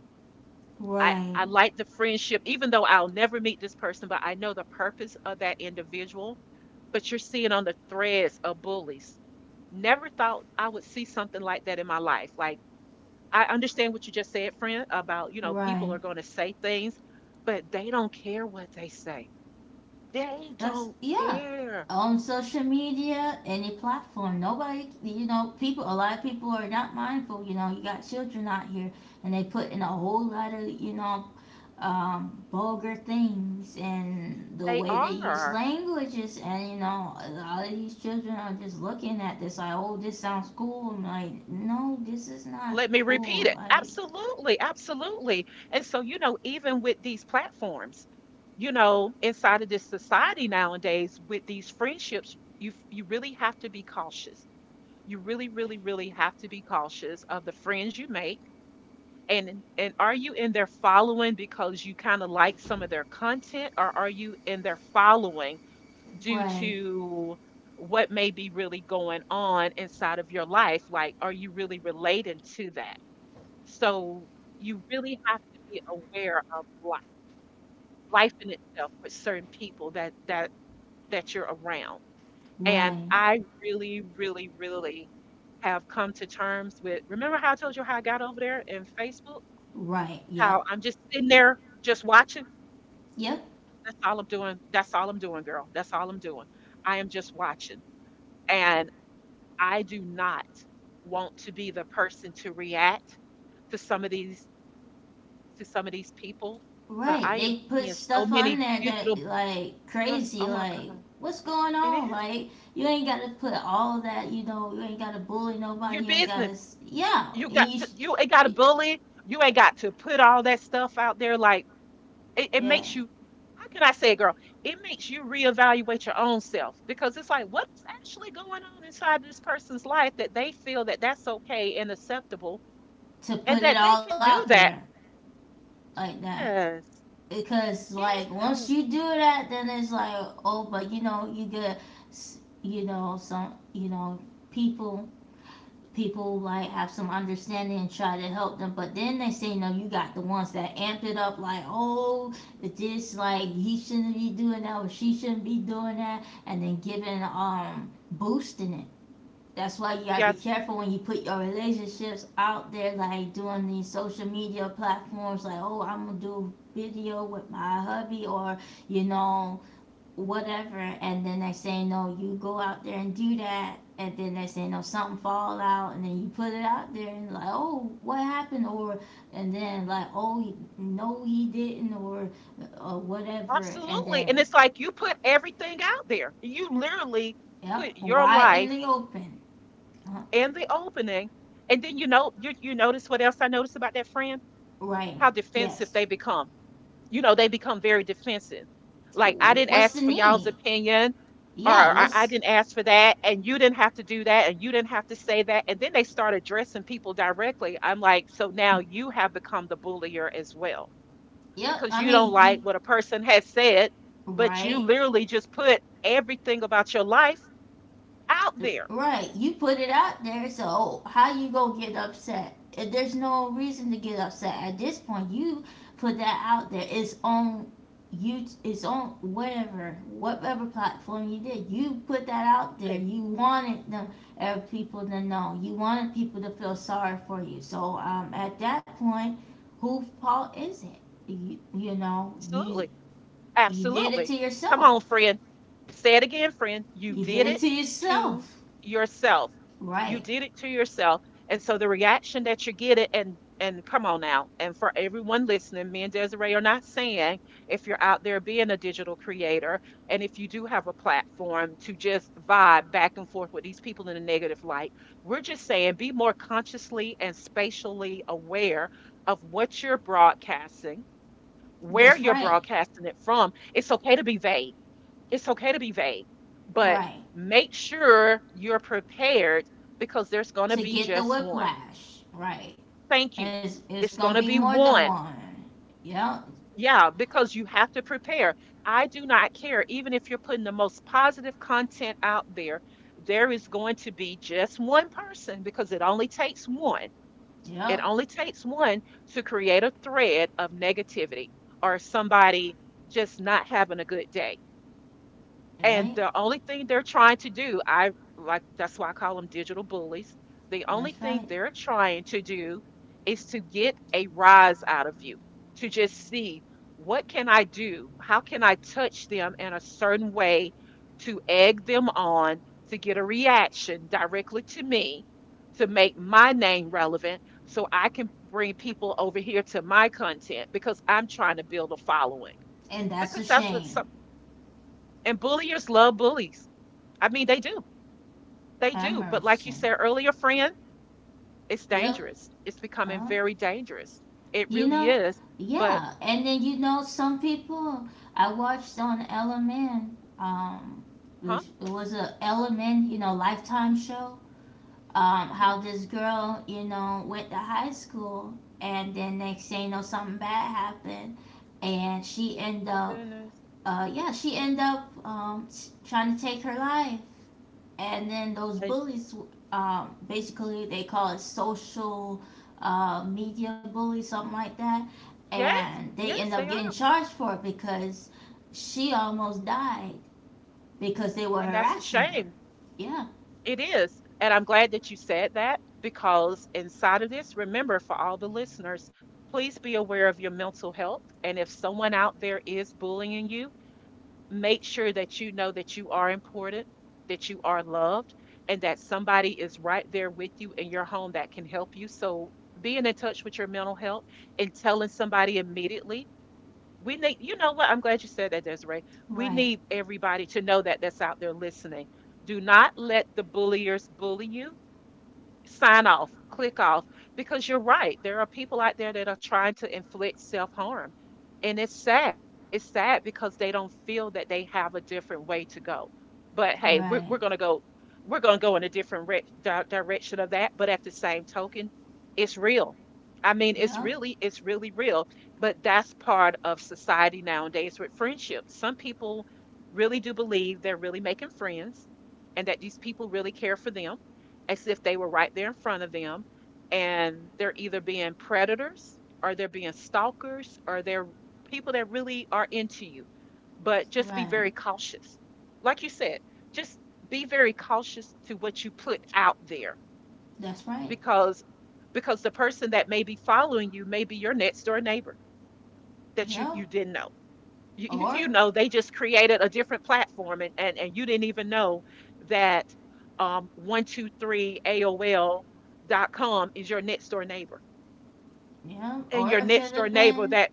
I, Right. I like the friendship, even though I'll never meet this person, but I know the purpose of that individual. But you're seeing on the threads of bullies. Never thought I would see something like that in my life. Like, I understand what you just said, friend, about, you know, people Right. are going to say things, but they don't care what they say, they That's don't yeah. care. On social media, any platform, nobody, you know, people. A lot of people are not mindful. You know, you got children out here, and they put in a whole lot of, you know, vulgar things, and the They way they use are. languages, and you know, a lot of these children are just looking at this like, oh, this sounds cool. I'm like, no, this is not Let me repeat cool. it. Like, Absolutely, absolutely. And so, you know, even with these platforms, you know, inside of this society nowadays, with these friendships, you really have to be cautious. You really, really, really have to be cautious of the friends you make. And are you in their following because you kind of like some of their content, or are you in their following? Due right, to what may be really going on inside of your life. Like, are you really relating to that? So you really have to be aware of life, life in itself, with certain people that you're around. And right, I really, really, really have come to terms with, remember how I told you how I got over there in Facebook? right. Yep, How I'm just sitting there just watching. yep. That's all I'm doing. That's all I'm doing, girl. That's all I'm doing. I am just watching. And. I do not want to be the person to react to some of these, people, but Right. I am They put seeing so stuff many on there that digital, like yes, crazy, oh my like God. what's going It on? is. Like you ain't gotta put all that, you know. You ain't gotta bully Your nobody. You ain't business. gotta, yeah. You And got you, to, you ain't got to bully. You ain't got to put all that stuff out there, like, it yeah, makes you, how can I say it, girl? It makes you reevaluate your own self, because it's like, what's actually going on inside this person's life that they feel that that's okay and acceptable to and put it that they all can out do there that? like that. Yes. Because like once Yes, you do that, then it's like oh, but you know you get, you know some, you know people people like have some understanding and try to help them, but then they say no, you got the ones that amped it up, like oh this, like he shouldn't be doing that or she shouldn't be doing that, and then giving boosting it. That's why you gotta be yes, careful when you put your relationships out there, like doing these social media platforms, like oh I'm gonna do video with my hubby, or you know, whatever, and then they say no, you go out there and do that, and then they say no, something fall out, and then you put it out there, and like oh what happened, or and then like oh no he didn't, or whatever, and absolutely. And then it's like you put everything out there. You literally yep put your why in life the open. uh, in the opening. And then you know, you notice what else I noticed about that friend? right, How defensive yes, they become. You know, they become very defensive. Like, I didn't what's the ask for y'all's need, opinion, or yeah I what's didn't ask for that, and you didn't have to do that, and you didn't have to say that. And then they start addressing people directly. I'm like, so now you have become the bullier as well, yep because I you don't mean you like what a person has said, but you right. literally just put everything about your life out there. Right, you put it out there, so how you gonna get upset? There's no reason to get upset at this point. You put that out there. It's on you. It's on whatever platform you did. You put that out there. You wanted people to know. You wanted people to feel sorry for you. So at that point, whose fault is it? You Absolutely. you did it to Absolutely. Come on, yourself. friend. Say it again, friend. You You did did it it to to yourself. yourself. You Right. did it to yourself. And so the reaction that you get it, and come on now. And for everyone listening, me and Desiree are not saying if you're out there being a digital creator, and if you do have a platform to just vibe back and forth with these people in a negative light, we're just saying be more consciously and spatially aware of what you're broadcasting, where That's you're right. broadcasting it from. It's okay to be vague. It's okay to be vague, but Right. make sure you're prepared because there's going to To be get the just one. whiplash. Right. Thank you. It's It's gonna be going to more be than one. one. Yep. Yeah, because you have to prepare. I do not care. Even if you're putting the most positive content out there, there is going to be just one person, because it only takes one. It Yep. only takes one to create a thread of negativity, or somebody just not having a good day. And Right. the only thing they're trying to do, I, like, that's why I call them digital bullies. The only That's thing right. they're trying to do is to get a rise out of you, to just see, what can I do? How can I touch them in a certain way to egg them on, to get a reaction directly to me, to make my name relevant so I can bring people over here to my content because I'm trying to build a following. And that's a Because that's what some, shame. and bulliers love bullies. I mean, they do. They Have do. But like you mercy. said earlier, friend, it's Yep. dangerous. It's becoming Uh, very dangerous. It you really know. is. But, Yeah. And then you know some people I watched on LMN. Huh? It was a LMN. You know, Lifetime show. Okay. How this girl, you know, went to high school, and then next thing you know, something bad happened, and she end Oh, up, goodness. uh, yeah, she end up trying to take her life, and then those And bullies, basically they call it social media bully, something like that, yes, and they end yes, up they getting are. charged for it because she almost died because they were And that's a harassing her. shame. Yeah, It is. And I'm glad that you said that because inside of this, remember, for all the listeners, please be aware of your mental health. And if someone out there is bullying you, make sure that you know that you are important, that you are loved, and that somebody is right there with you in your home that can help you. So being in touch with your mental health and telling somebody immediately. We need, you know what? I'm glad you said that, Desiree. We right, need everybody to know that, that's out there listening. Do not let the bulliers bully you, sign off, click off, because you're right. There are people out there that are trying to inflict self harm. And it's sad. It's sad because they don't feel that they have a different way to go. But hey, we're, right, we're going to go. We're going to go in a different direction of that, but at the same token, it's real. I mean, yeah. It's really real. But that's part of society nowadays with friendships. Some people really do believe they're really making friends, and that these people really care for them as if they were right there in front of them, and they're either being predators or they're being stalkers or they're people that really are into you, but just be Right. very cautious, like you said, just be very cautious to what you put out there. That's right. Because because the person that may be following you may be your next door neighbor that you Yep. you didn't know. You Or, know, they just created a different platform, and you didn't even know that 123.com is your next door neighbor yeah, and or your it could next have door neighbor. been That,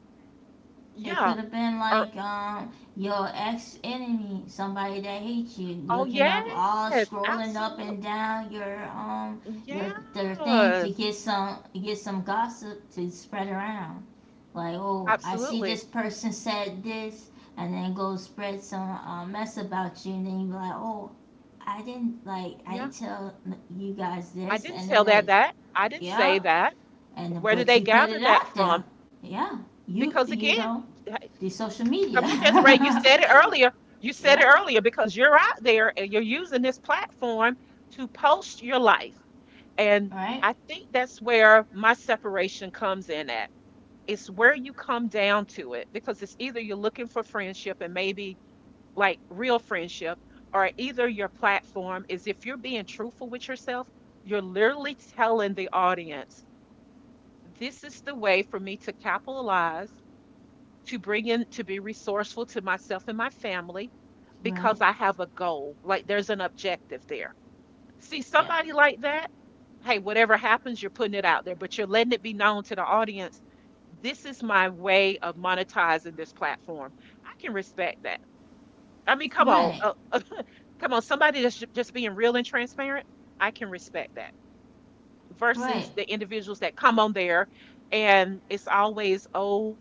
it could yeah. have been Or, like your ex enemy, somebody that hates you, oh looking up all yes, scrolling up absolutely. and down your their thing to Yes, get some gossip to spread around. Like, oh, I see absolutely. this person said this and then go spread some mess about you and then you be like, oh, I didn't like I Yeah, didn't tell you guys I this didn't and tell. then that it, that I didn't say yeah that. and Where did they but you put gather it that out from? there. Yeah. You Because you again, know the social come media on, Desiree, you said it earlier. You said it yeah earlier because you're out there and you're using this platform to post your life. And right I think that's where my separation comes in at. It's where you come down to it, because it's either you're looking for friendship, and maybe like real friendship, or either your platform is, if you're being truthful with yourself, you're literally telling the audience, this is the way for me to capitalize, to bring in, to be resourceful to myself and my family, because right I have a goal. Like, there's an objective there. See, yeah somebody like that, hey, whatever happens, you're putting it out there, but you're letting it be known to the audience. This is my way of monetizing this platform. I can respect that. I mean, come on, right come on, somebody that's just being real and transparent. I can respect that right versus the individuals that come on there, and it's always, oh,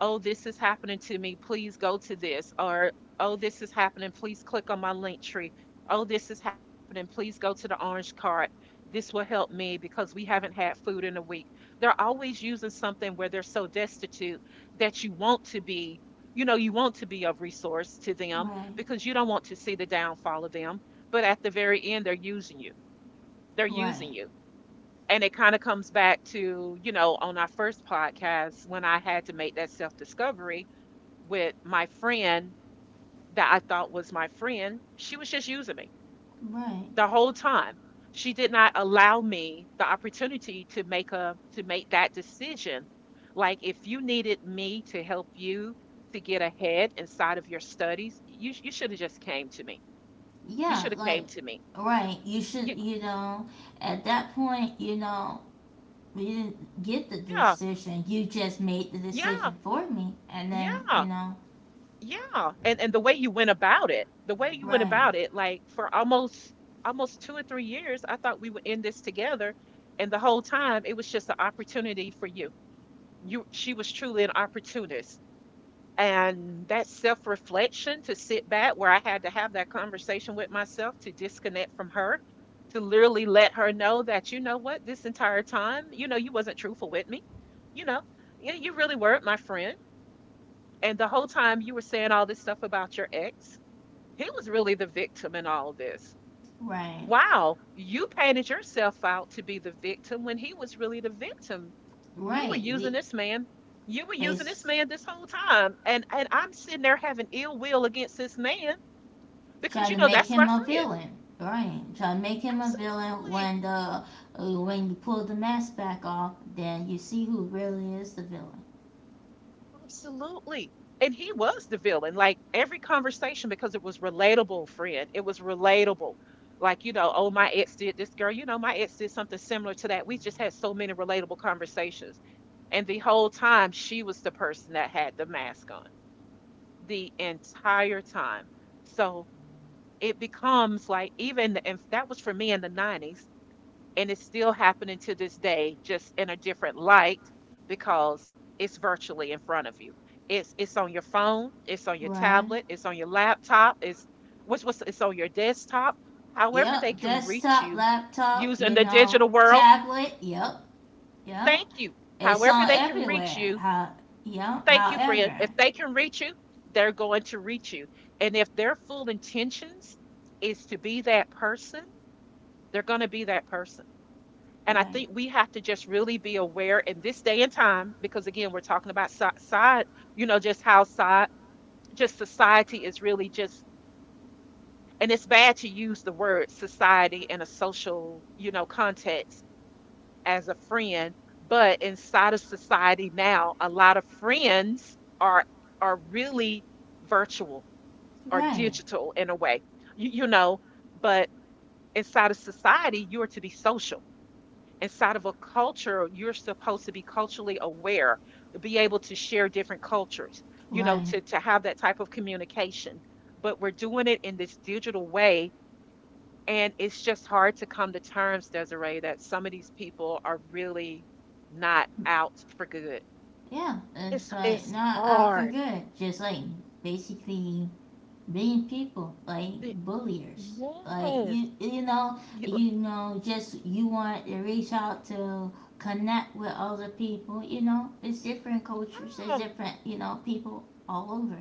oh, this is happening to me. Please go to this. Or, oh, this is happening. Please click on my link tree. Oh, this is happening. Please go to the orange cart. This will help me because we haven't had food in a week. They're always using something where they're so destitute that you want to be, you know, you want to be of resource to them right because you don't want to see the downfall of them. But at the very end, they're using you. They're using right you, and it kind of comes back to, you know, on our first podcast, when I had to make that self discovery with my friend, that I thought was my friend, she was just using me right the whole time. She did not allow me the opportunity to make a, to make that decision. Like, if you needed me to help you to get ahead inside of your studies, you you should have just came to me. You yeah should have like came to me. right you should Yeah, you know at that point you know you didn't get the yeah, decision you just made the decision yeah, for me and then you yeah. know Yeah, And the way you went about it, the way you went right about it, like for almost 2 or 3 years, I thought we would end this together, and the whole time it was just an opportunity for you. You, she was truly an opportunist, and that self reflection to sit back, where I had to have that conversation with myself to disconnect from her, to literally let her know that, you know what, this entire time, you know, you wasn't truthful with me, you know, yeah, you really weren't my friend. And the whole time you were saying all this stuff about your ex, he was really the victim in all of this. right Wow, you painted yourself out to be the victim when he was really the victim. You were right using the this man. You were using this base man this whole time. And I'm sitting there having ill will against this man, because trying you to know make that's my him a friend. villain, right? Trying to make him a villain Absolutely. when the when you pull the mask back off, then you see who really is the villain, Absolutely. And he was the villain. Like, every conversation, because it was relatable, friend. It was relatable. Like, you know, oh, my ex did this girl. You know, my ex did something similar to that. We just had so many relatable conversations. And the whole time, she was the person that had the mask on the entire time. So it becomes like, even, and that was for me in the 90s, and it's still happening to this day just in a different light, because it's virtually in front of you. It's on your phone, it's on your right? tablet, it's on your laptop, it's what's it's on your desktop. However they Yep, can reach desktop, you, laptop, using you the know, digital world. tablet. Yep, yep, Thank you. it's However on they can reach everywhere. you. How, yep, Thank you, friend. however, If they can reach you, they're going to reach you. And if their full intentions is to be that person, they're going to be that person. And I think right, we have to just really be aware in this day and time, because again, we're talking about side, you know, just how just society is really just, and it's bad to use the word society in a social, you know, context as a friend. But inside of society now, a lot of friends are really virtual or right, digital in a way, you know. But inside of society, you are to be social. Inside of a culture, you're supposed to be culturally aware, be able to share different cultures, you know, right. To have that type of communication. But we're doing it in this digital way. And it's just hard to come to terms, Desiree, that some of these people are really not out for good. Yeah, it's It's like it's not out for hard. good. Just like basically being people like The- bulliers like Yes. you You- you know just you want to reach out to connect with other people you know it's different cultures there's Yeah. different you know people all over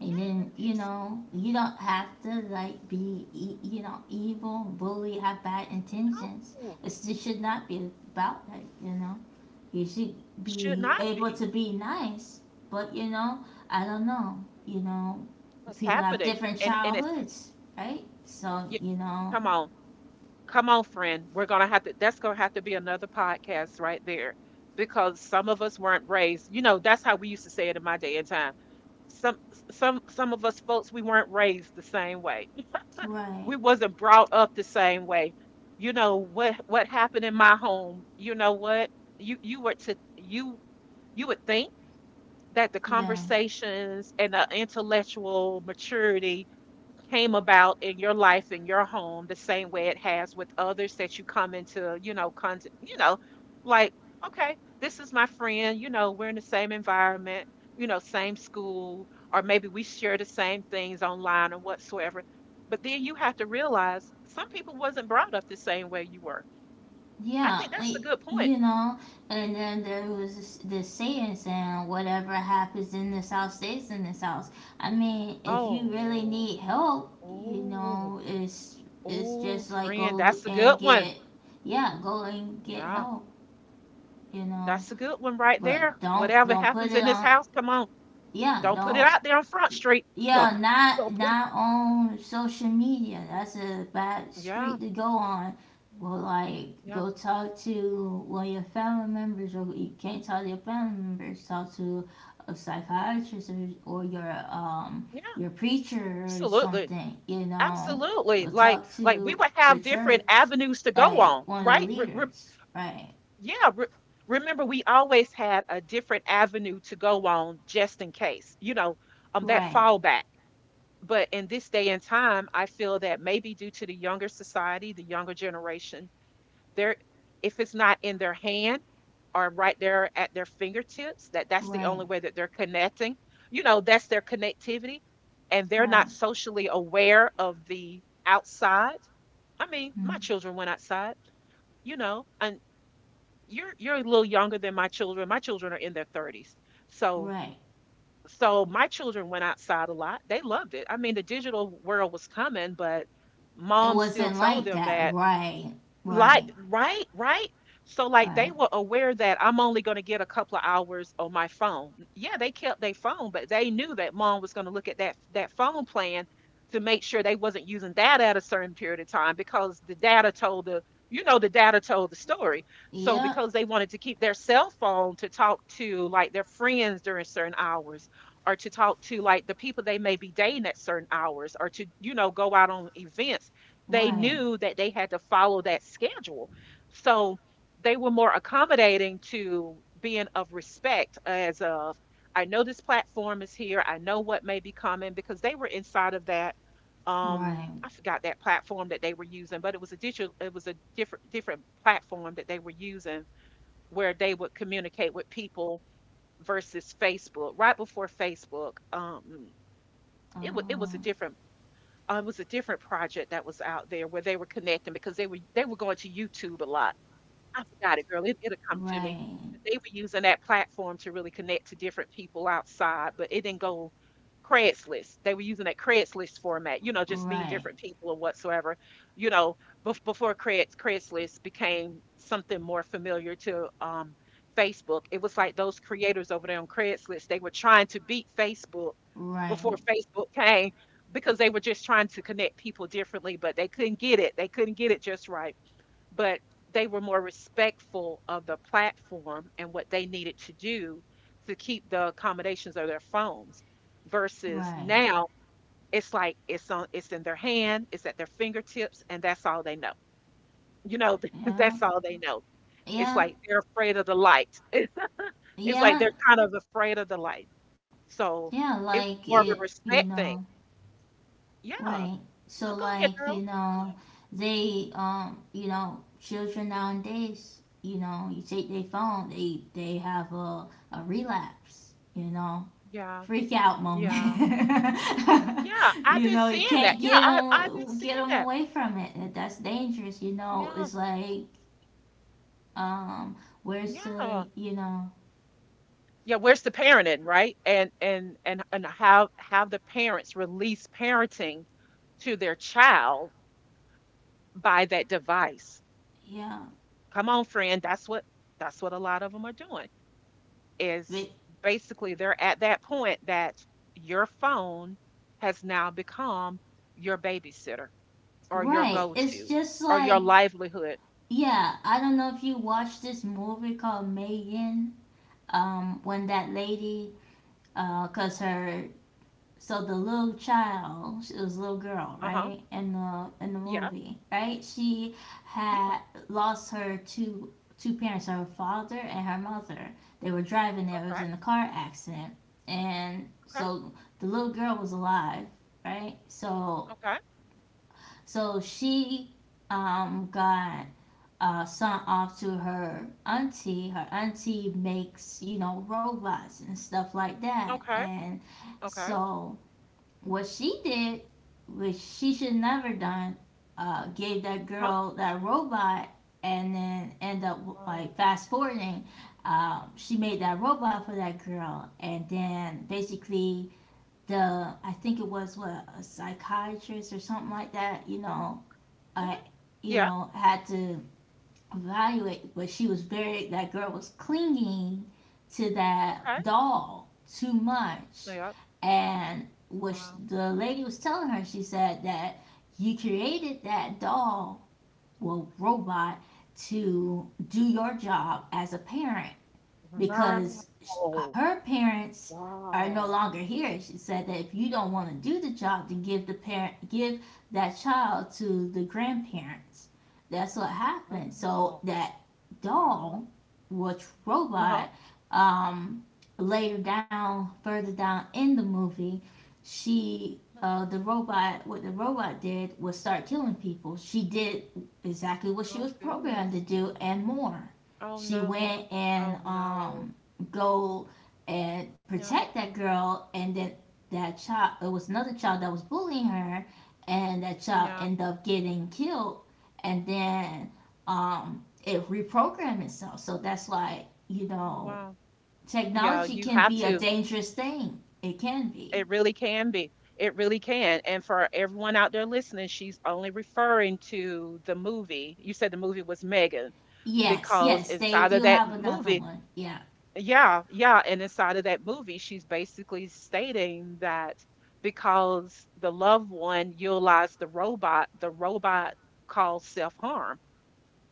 and then you Yes. know you don't have to like be e- you know evil bully have bad intentions No. it should not be about that you know you should It should be not able be. to be nice, but you know, I don't know. You know, What's people have happening? different And it's, childhoods, right? So, you, you know, come on. Come on, friend. We're going to have to, that's going to have to be another podcast right there, because some of us weren't raised. You know, that's how we used to say it in my day and time. Some, some of us folks, we weren't raised the same way. right. We wasn't brought up the same way. You know what happened in my home, you know what? You were to you you would think that the Yeah. conversations and the intellectual maturity came about in your life in your home the same way it has with others that you come into, you know, you know, like, okay, this is my friend, you know, we're in the same environment, you know, same school, or maybe we share the same things online or whatsoever. But then you have to realize, some people wasn't brought up the same way you were. I Yeah. think that's a I- good point. you know, and then there was this, this saying, whatever happens in this house stays in this house. I mean, if you really Oh, need help, you oh know, it's oh just like friend, go that's a good and one. get, yeah, go and get Yeah, help, you know. that's a good one right there. But don't Whatever don't put happens it in this on. house, come on. Yeah, Don't put it don't. out there on Front Street. No, Yeah, not don't put it. not on social media. That's a bad Yeah, street to go on. Well, like yeah, go talk to one of your family members, or you can't talk to your family members. Talk to a psychiatrist, or or your yeah. your preacher or Absolutely, something. You know, absolutely. go talk Like we to would the have different church, avenues to go like on, one of the right? Leaders. Right, Yeah. Remember, we always had a different avenue to go on just in case. You know, that right, fallback. But in this day and time, I feel that maybe due to the younger society, the younger generation, There, if it's not in their hand or right there at their fingertips, that that's the right, only way that they're connecting. You know, that's their connectivity, and they're right, not socially aware of the outside. I mean, my mm, children went outside, you know, and you're a little younger than my children. My children are in their 30s. So right. so my children went outside a lot. They loved it. I mean, the digital world was coming, but It mom still wasn't told like them that, that, right? like, Right, right, right. So like, they right. were aware that I'm only going to get a couple of hours on my phone. Yeah, they kept their phone, but they knew that mom was going to look at that phone plan to make sure they wasn't using data at a certain period of time because the data told the you know the data told the story. So Yeah, because they wanted to keep their cell phone to talk to like their friends during certain hours, or to talk to like the people they may be dating at certain hours, or to go out on events, they right, knew that they had to follow that schedule. So they were more accommodating to being of respect as of, I know this platform is here. I know what may be coming because they were inside of that. right. I forgot that platform that they were using, but it was a different platform that they were using where they would communicate with people versus Facebook. Right before Facebook, it was Uh, a different project that was out there where they were connecting because they were going to YouTube a lot. I forgot it, girl. It'll come to me. right, But they were using that platform to really connect to different people outside, but it didn't go. Craigslist. They were using that Craigslist format, you know, just meeting right, different people or whatsoever, you know, before Craigslist became something more familiar to, Facebook. It was like those creators over there on Craigslist, they were trying to beat Facebook before right, Facebook came because they were just trying to connect people differently, but they couldn't get it. They couldn't get it just right. But they were more respectful of the platform and what they needed to do to keep the accommodations of their phones versus right. now it's like it's on, it's in their hand, it's at their fingertips, and that's all they know, you know. Yeah, That's all they know. It's yeah, like they're afraid of the light. It's like yeah, they're kind of afraid of the light. yeah. So Like it was it, more of a you respect know. thing. Yeah, Right. So yeah, go ahead, like you girl. Go know, ahead. they you know, children nowadays, you know, you take their phone, they have a relapse, you know. Yeah, Freak out yeah, moment. yeah, I've You been know, you seeing that. can't Yeah, get I've been them get seeing them that. away from it. That's dangerous. You know, Yeah, it's like um, where's yeah. the you know Yeah, where's the parenting, right? And how the parents release parenting to their child by that device. yeah Come on, friend, that's what a lot of them are doing. but, Is basically they're at that point that your phone has now become your babysitter or your right. It's go-to just or like your livelihood. yeah. I don't know if you watched this movie called Megan. When that lady, cause her so the little child, she was a little girl, Uh-huh. right? In the Yeah. movie, right? She Yeah. had lost her two two parents, her father and her mother. They were driving. They was Okay. in a car accident, and Okay. so the little girl was alive, right? So Okay. so she got sent off to her auntie. Her auntie makes you know robots and stuff like that, Okay. and Okay. so what she did, which she should never done, gave that Uh-huh. girl that robot and then end up like Um, fast forwarding. She made that robot for that girl, and then basically the I think it was what a psychiatrist or something like that. You know, mhm. I you Yeah. know had to evaluate, but she was very that girl was clinging to that Okay. doll too much, Yeah. and what sh- Wow. the lady was telling her, she said that you created that doll, well, robot, to do your job as a parent Wow. because her parents are no Wow. longer here. She said that if you don't want to do the job, to give the parent, give that child to the grandparents. That's what happened. So Wow. that Wow. doll, which Uh-huh. robot, um, later down, further down in the movie, she. uh The robot, what the robot did was start killing people. She did exactly what she was Oh, programmed to goodness. do and more Oh, she no. went and Oh, no. um go and Yeah. protect that girl and then that child it was another child that was bullying her and that child Yeah. ended up getting killed and then it reprogrammed itself so that's why you Oh, know wow. Yeah, technology you can have be a to. dangerous thing it can be It really can be. It really can. And for everyone out there listening, she's only referring to the movie. You said the movie was Megan yes because yes they inside of do that have another movie. one yeah Yeah, yeah. And inside of that movie, she's basically stating that because the loved one utilized the robot caused self-harm.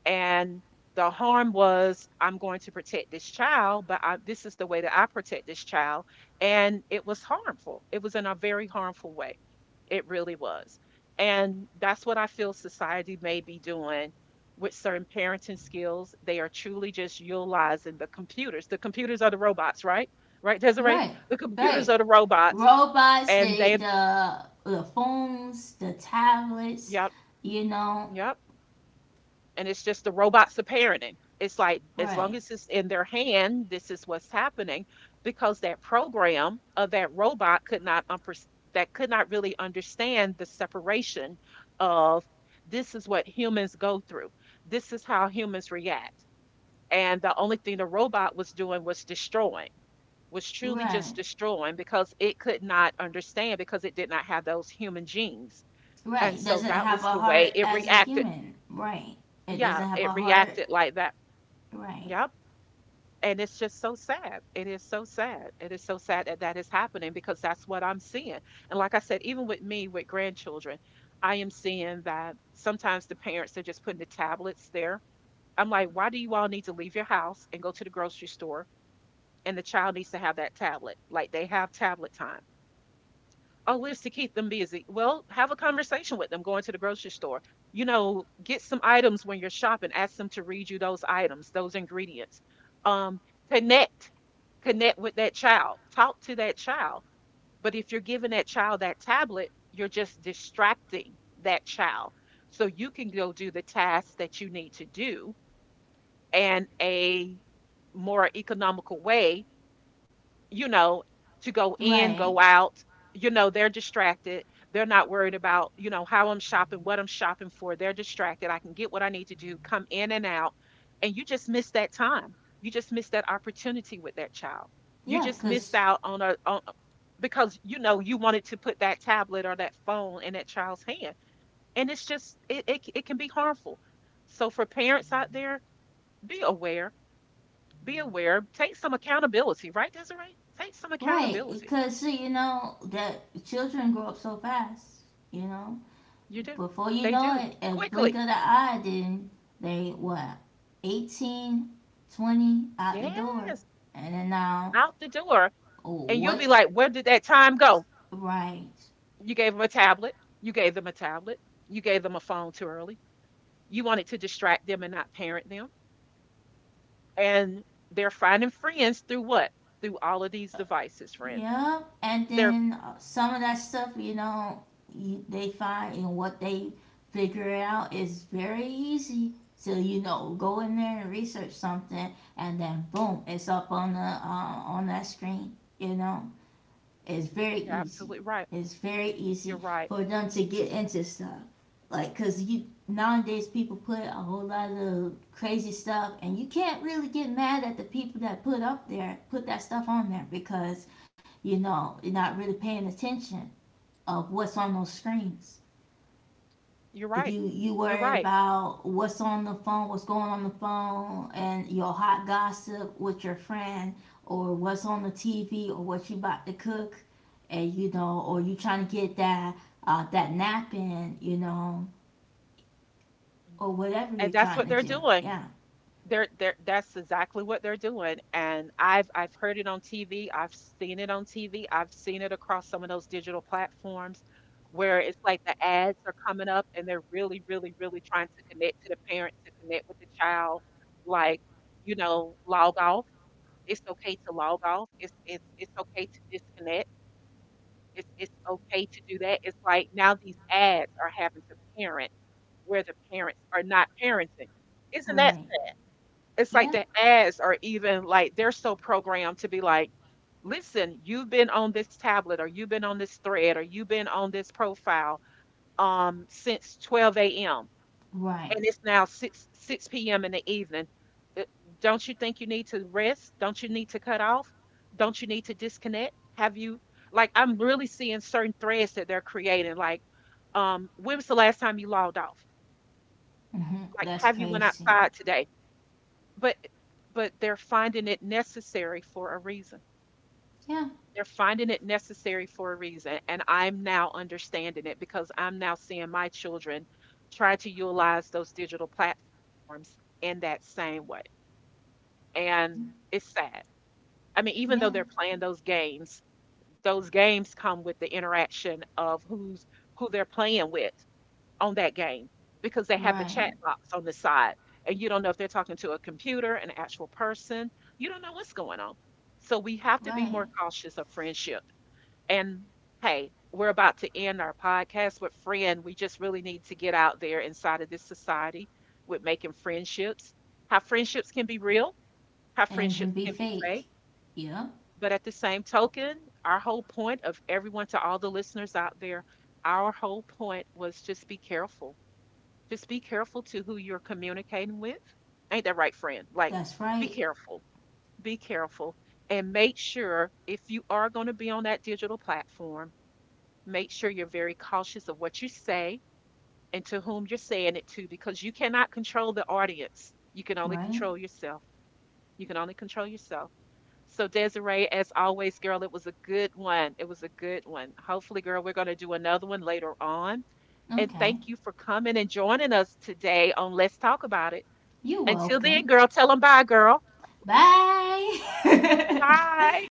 And the harm was, I'm going to protect this child, but this is the way that I protect this child. And it was harmful, it was in a very harmful way. It really was. And that's what I feel society may be doing with certain parenting skills. They are truly just utilizing the computers. The computers are the robots, right? Right, Desiree? right, The computers right. are the robots. Robots, And they the phones, the tablets, Yep. you know. Yep. And it's just, the robots are parenting. It's like, as long Right, as it's in their hand, this is what's happening because that program of that robot could not that could not really understand the separation of, this is what humans go through. This is how humans react. And the only thing the robot was doing was destroying, was truly just right, destroying because it could not understand, because it did not have those human genes. And right. so Doesn't that have was a the way heart it as a reacted. human. Right. It Yeah, doesn't have a it heart. reacted like that. Right, Yep. And it's just so sad. It is so sad. It is so sad that that is happening because that's what I'm seeing. And like I said, even with me with grandchildren, I am seeing that sometimes the parents are just putting the tablets there. I'm like, why do you all need to leave your house and go to the grocery store and the child needs to have that tablet? Like, they have tablet time. Oh, lives to keep them busy. Well, have a conversation with them going to the grocery store. You know, get some items when you're shopping. Ask them to read you those items, those ingredients. Um, Connect, connect with that child. Talk to that child. But if you're giving that child that tablet, you're just distracting that child so you can go do the tasks that you need to do in a more economical way, you know, to go in, right. go out. You know, they're distracted. They're not worried about, you know, how I'm shopping, what I'm shopping for. They're distracted. I can get what I need to do, come in and out. And you just missed that time. You just missed that opportunity with that child. You Yeah, just missed cause out on a on, because you know, you wanted to put that tablet or that phone in that child's hand. And it's just it can be harmful. So for parents out there, be aware, be aware, take some accountability, right, Desiree? Take some right, accountability. cause see, you know that children grow up so fast. You know, You do. before you They know do. it, a blink Quickly. of the eye, then they what, 18, 20 out the door. Yes. And then now Out the door. oh, And you'll be what? like, where did that time go? Right. You gave them a tablet. You gave them a tablet. You gave them a phone too early. You wanted to distract them and not parent them. And they're finding friends through what? Through all of these devices, friend. Yeah. And They're then some of that stuff, you know, you, they find and what they figure out is very easy. So you know, go in there and research something, and then boom, it's up on the on that screen. You know. It's very You're easy. absolutely right. It's very You're easy right. for them to get into stuff. Like, cause you nowadays people put a whole lot of crazy stuff, and you can't really get mad at the people that put up there, put that stuff on there, because you know you're not really paying attention of what's on those screens You're right. you you You're worry right. about what's on the phone what's going on the phone and your hot gossip with your friend or what's on the TV or what you about to cook and you know or you trying to get that that nap in you know or whatever you're And that's what trying they're to do doing. yeah They're That's exactly what they're doing, and I've heard it on TV, I've seen it on TV, I've seen it across some of those digital platforms where it's like the ads are coming up and they're really, really, really trying to connect to the parents, to connect with the child, like, you know, log off. It's okay to log off. It's okay to disconnect. It's okay to do that. It's like now these ads are having to parent where the parents are not parenting. Isn't that, right it's like yeah the ads are even like they're so programmed to be like, listen, you've been on this tablet, or you've been on this thread, or you've been on this profile since 12 a.m. right and it's now 6 p.m. in the evening. Uh, Don't you think you need to rest? Don't you need to cut off? Don't you need to disconnect? Have you, like, I'm really seeing certain threads that they're creating, like, when was the last time you logged off? hmm Like, that's have you went crazy outside today? but but they're finding it necessary for a reason. yeah They're finding it necessary for a reason, and I'm now understanding it because I'm now seeing my children try to utilize those digital platforms in that same way. And it's sad. I mean, even though yeah they're playing those games come with the interaction of who's who they're playing with on that game because they have the right chat box on the side and you don't know if they're talking to a computer, an actual person. You don't know what's going on. So we have to be right more cautious of friendship. And hey, we're about to end our podcast with friend. We just really need to get out there inside of this society with making friendships. How friendships can be real, how and can friendships be can be fake fake. yeah But at the same token, our whole point of everyone, to all the listeners out there, our whole point was just be careful, just be careful to who you're communicating with. Ain't that right, friend? Like, that's be right careful. Be careful. And make sure if you are going to be on that digital platform, make sure you're very cautious of what you say and to whom you're saying it to because you cannot control the audience. You can only right control yourself. You can only control yourself. So, Desiree, as always, girl, it was a good one. It was a good one. Hopefully, girl, we're going to do another one later on. And okay thank you for coming and joining us today on Let's Talk About It. you're Until then, welcome girl, tell them bye, girl. bye Bye.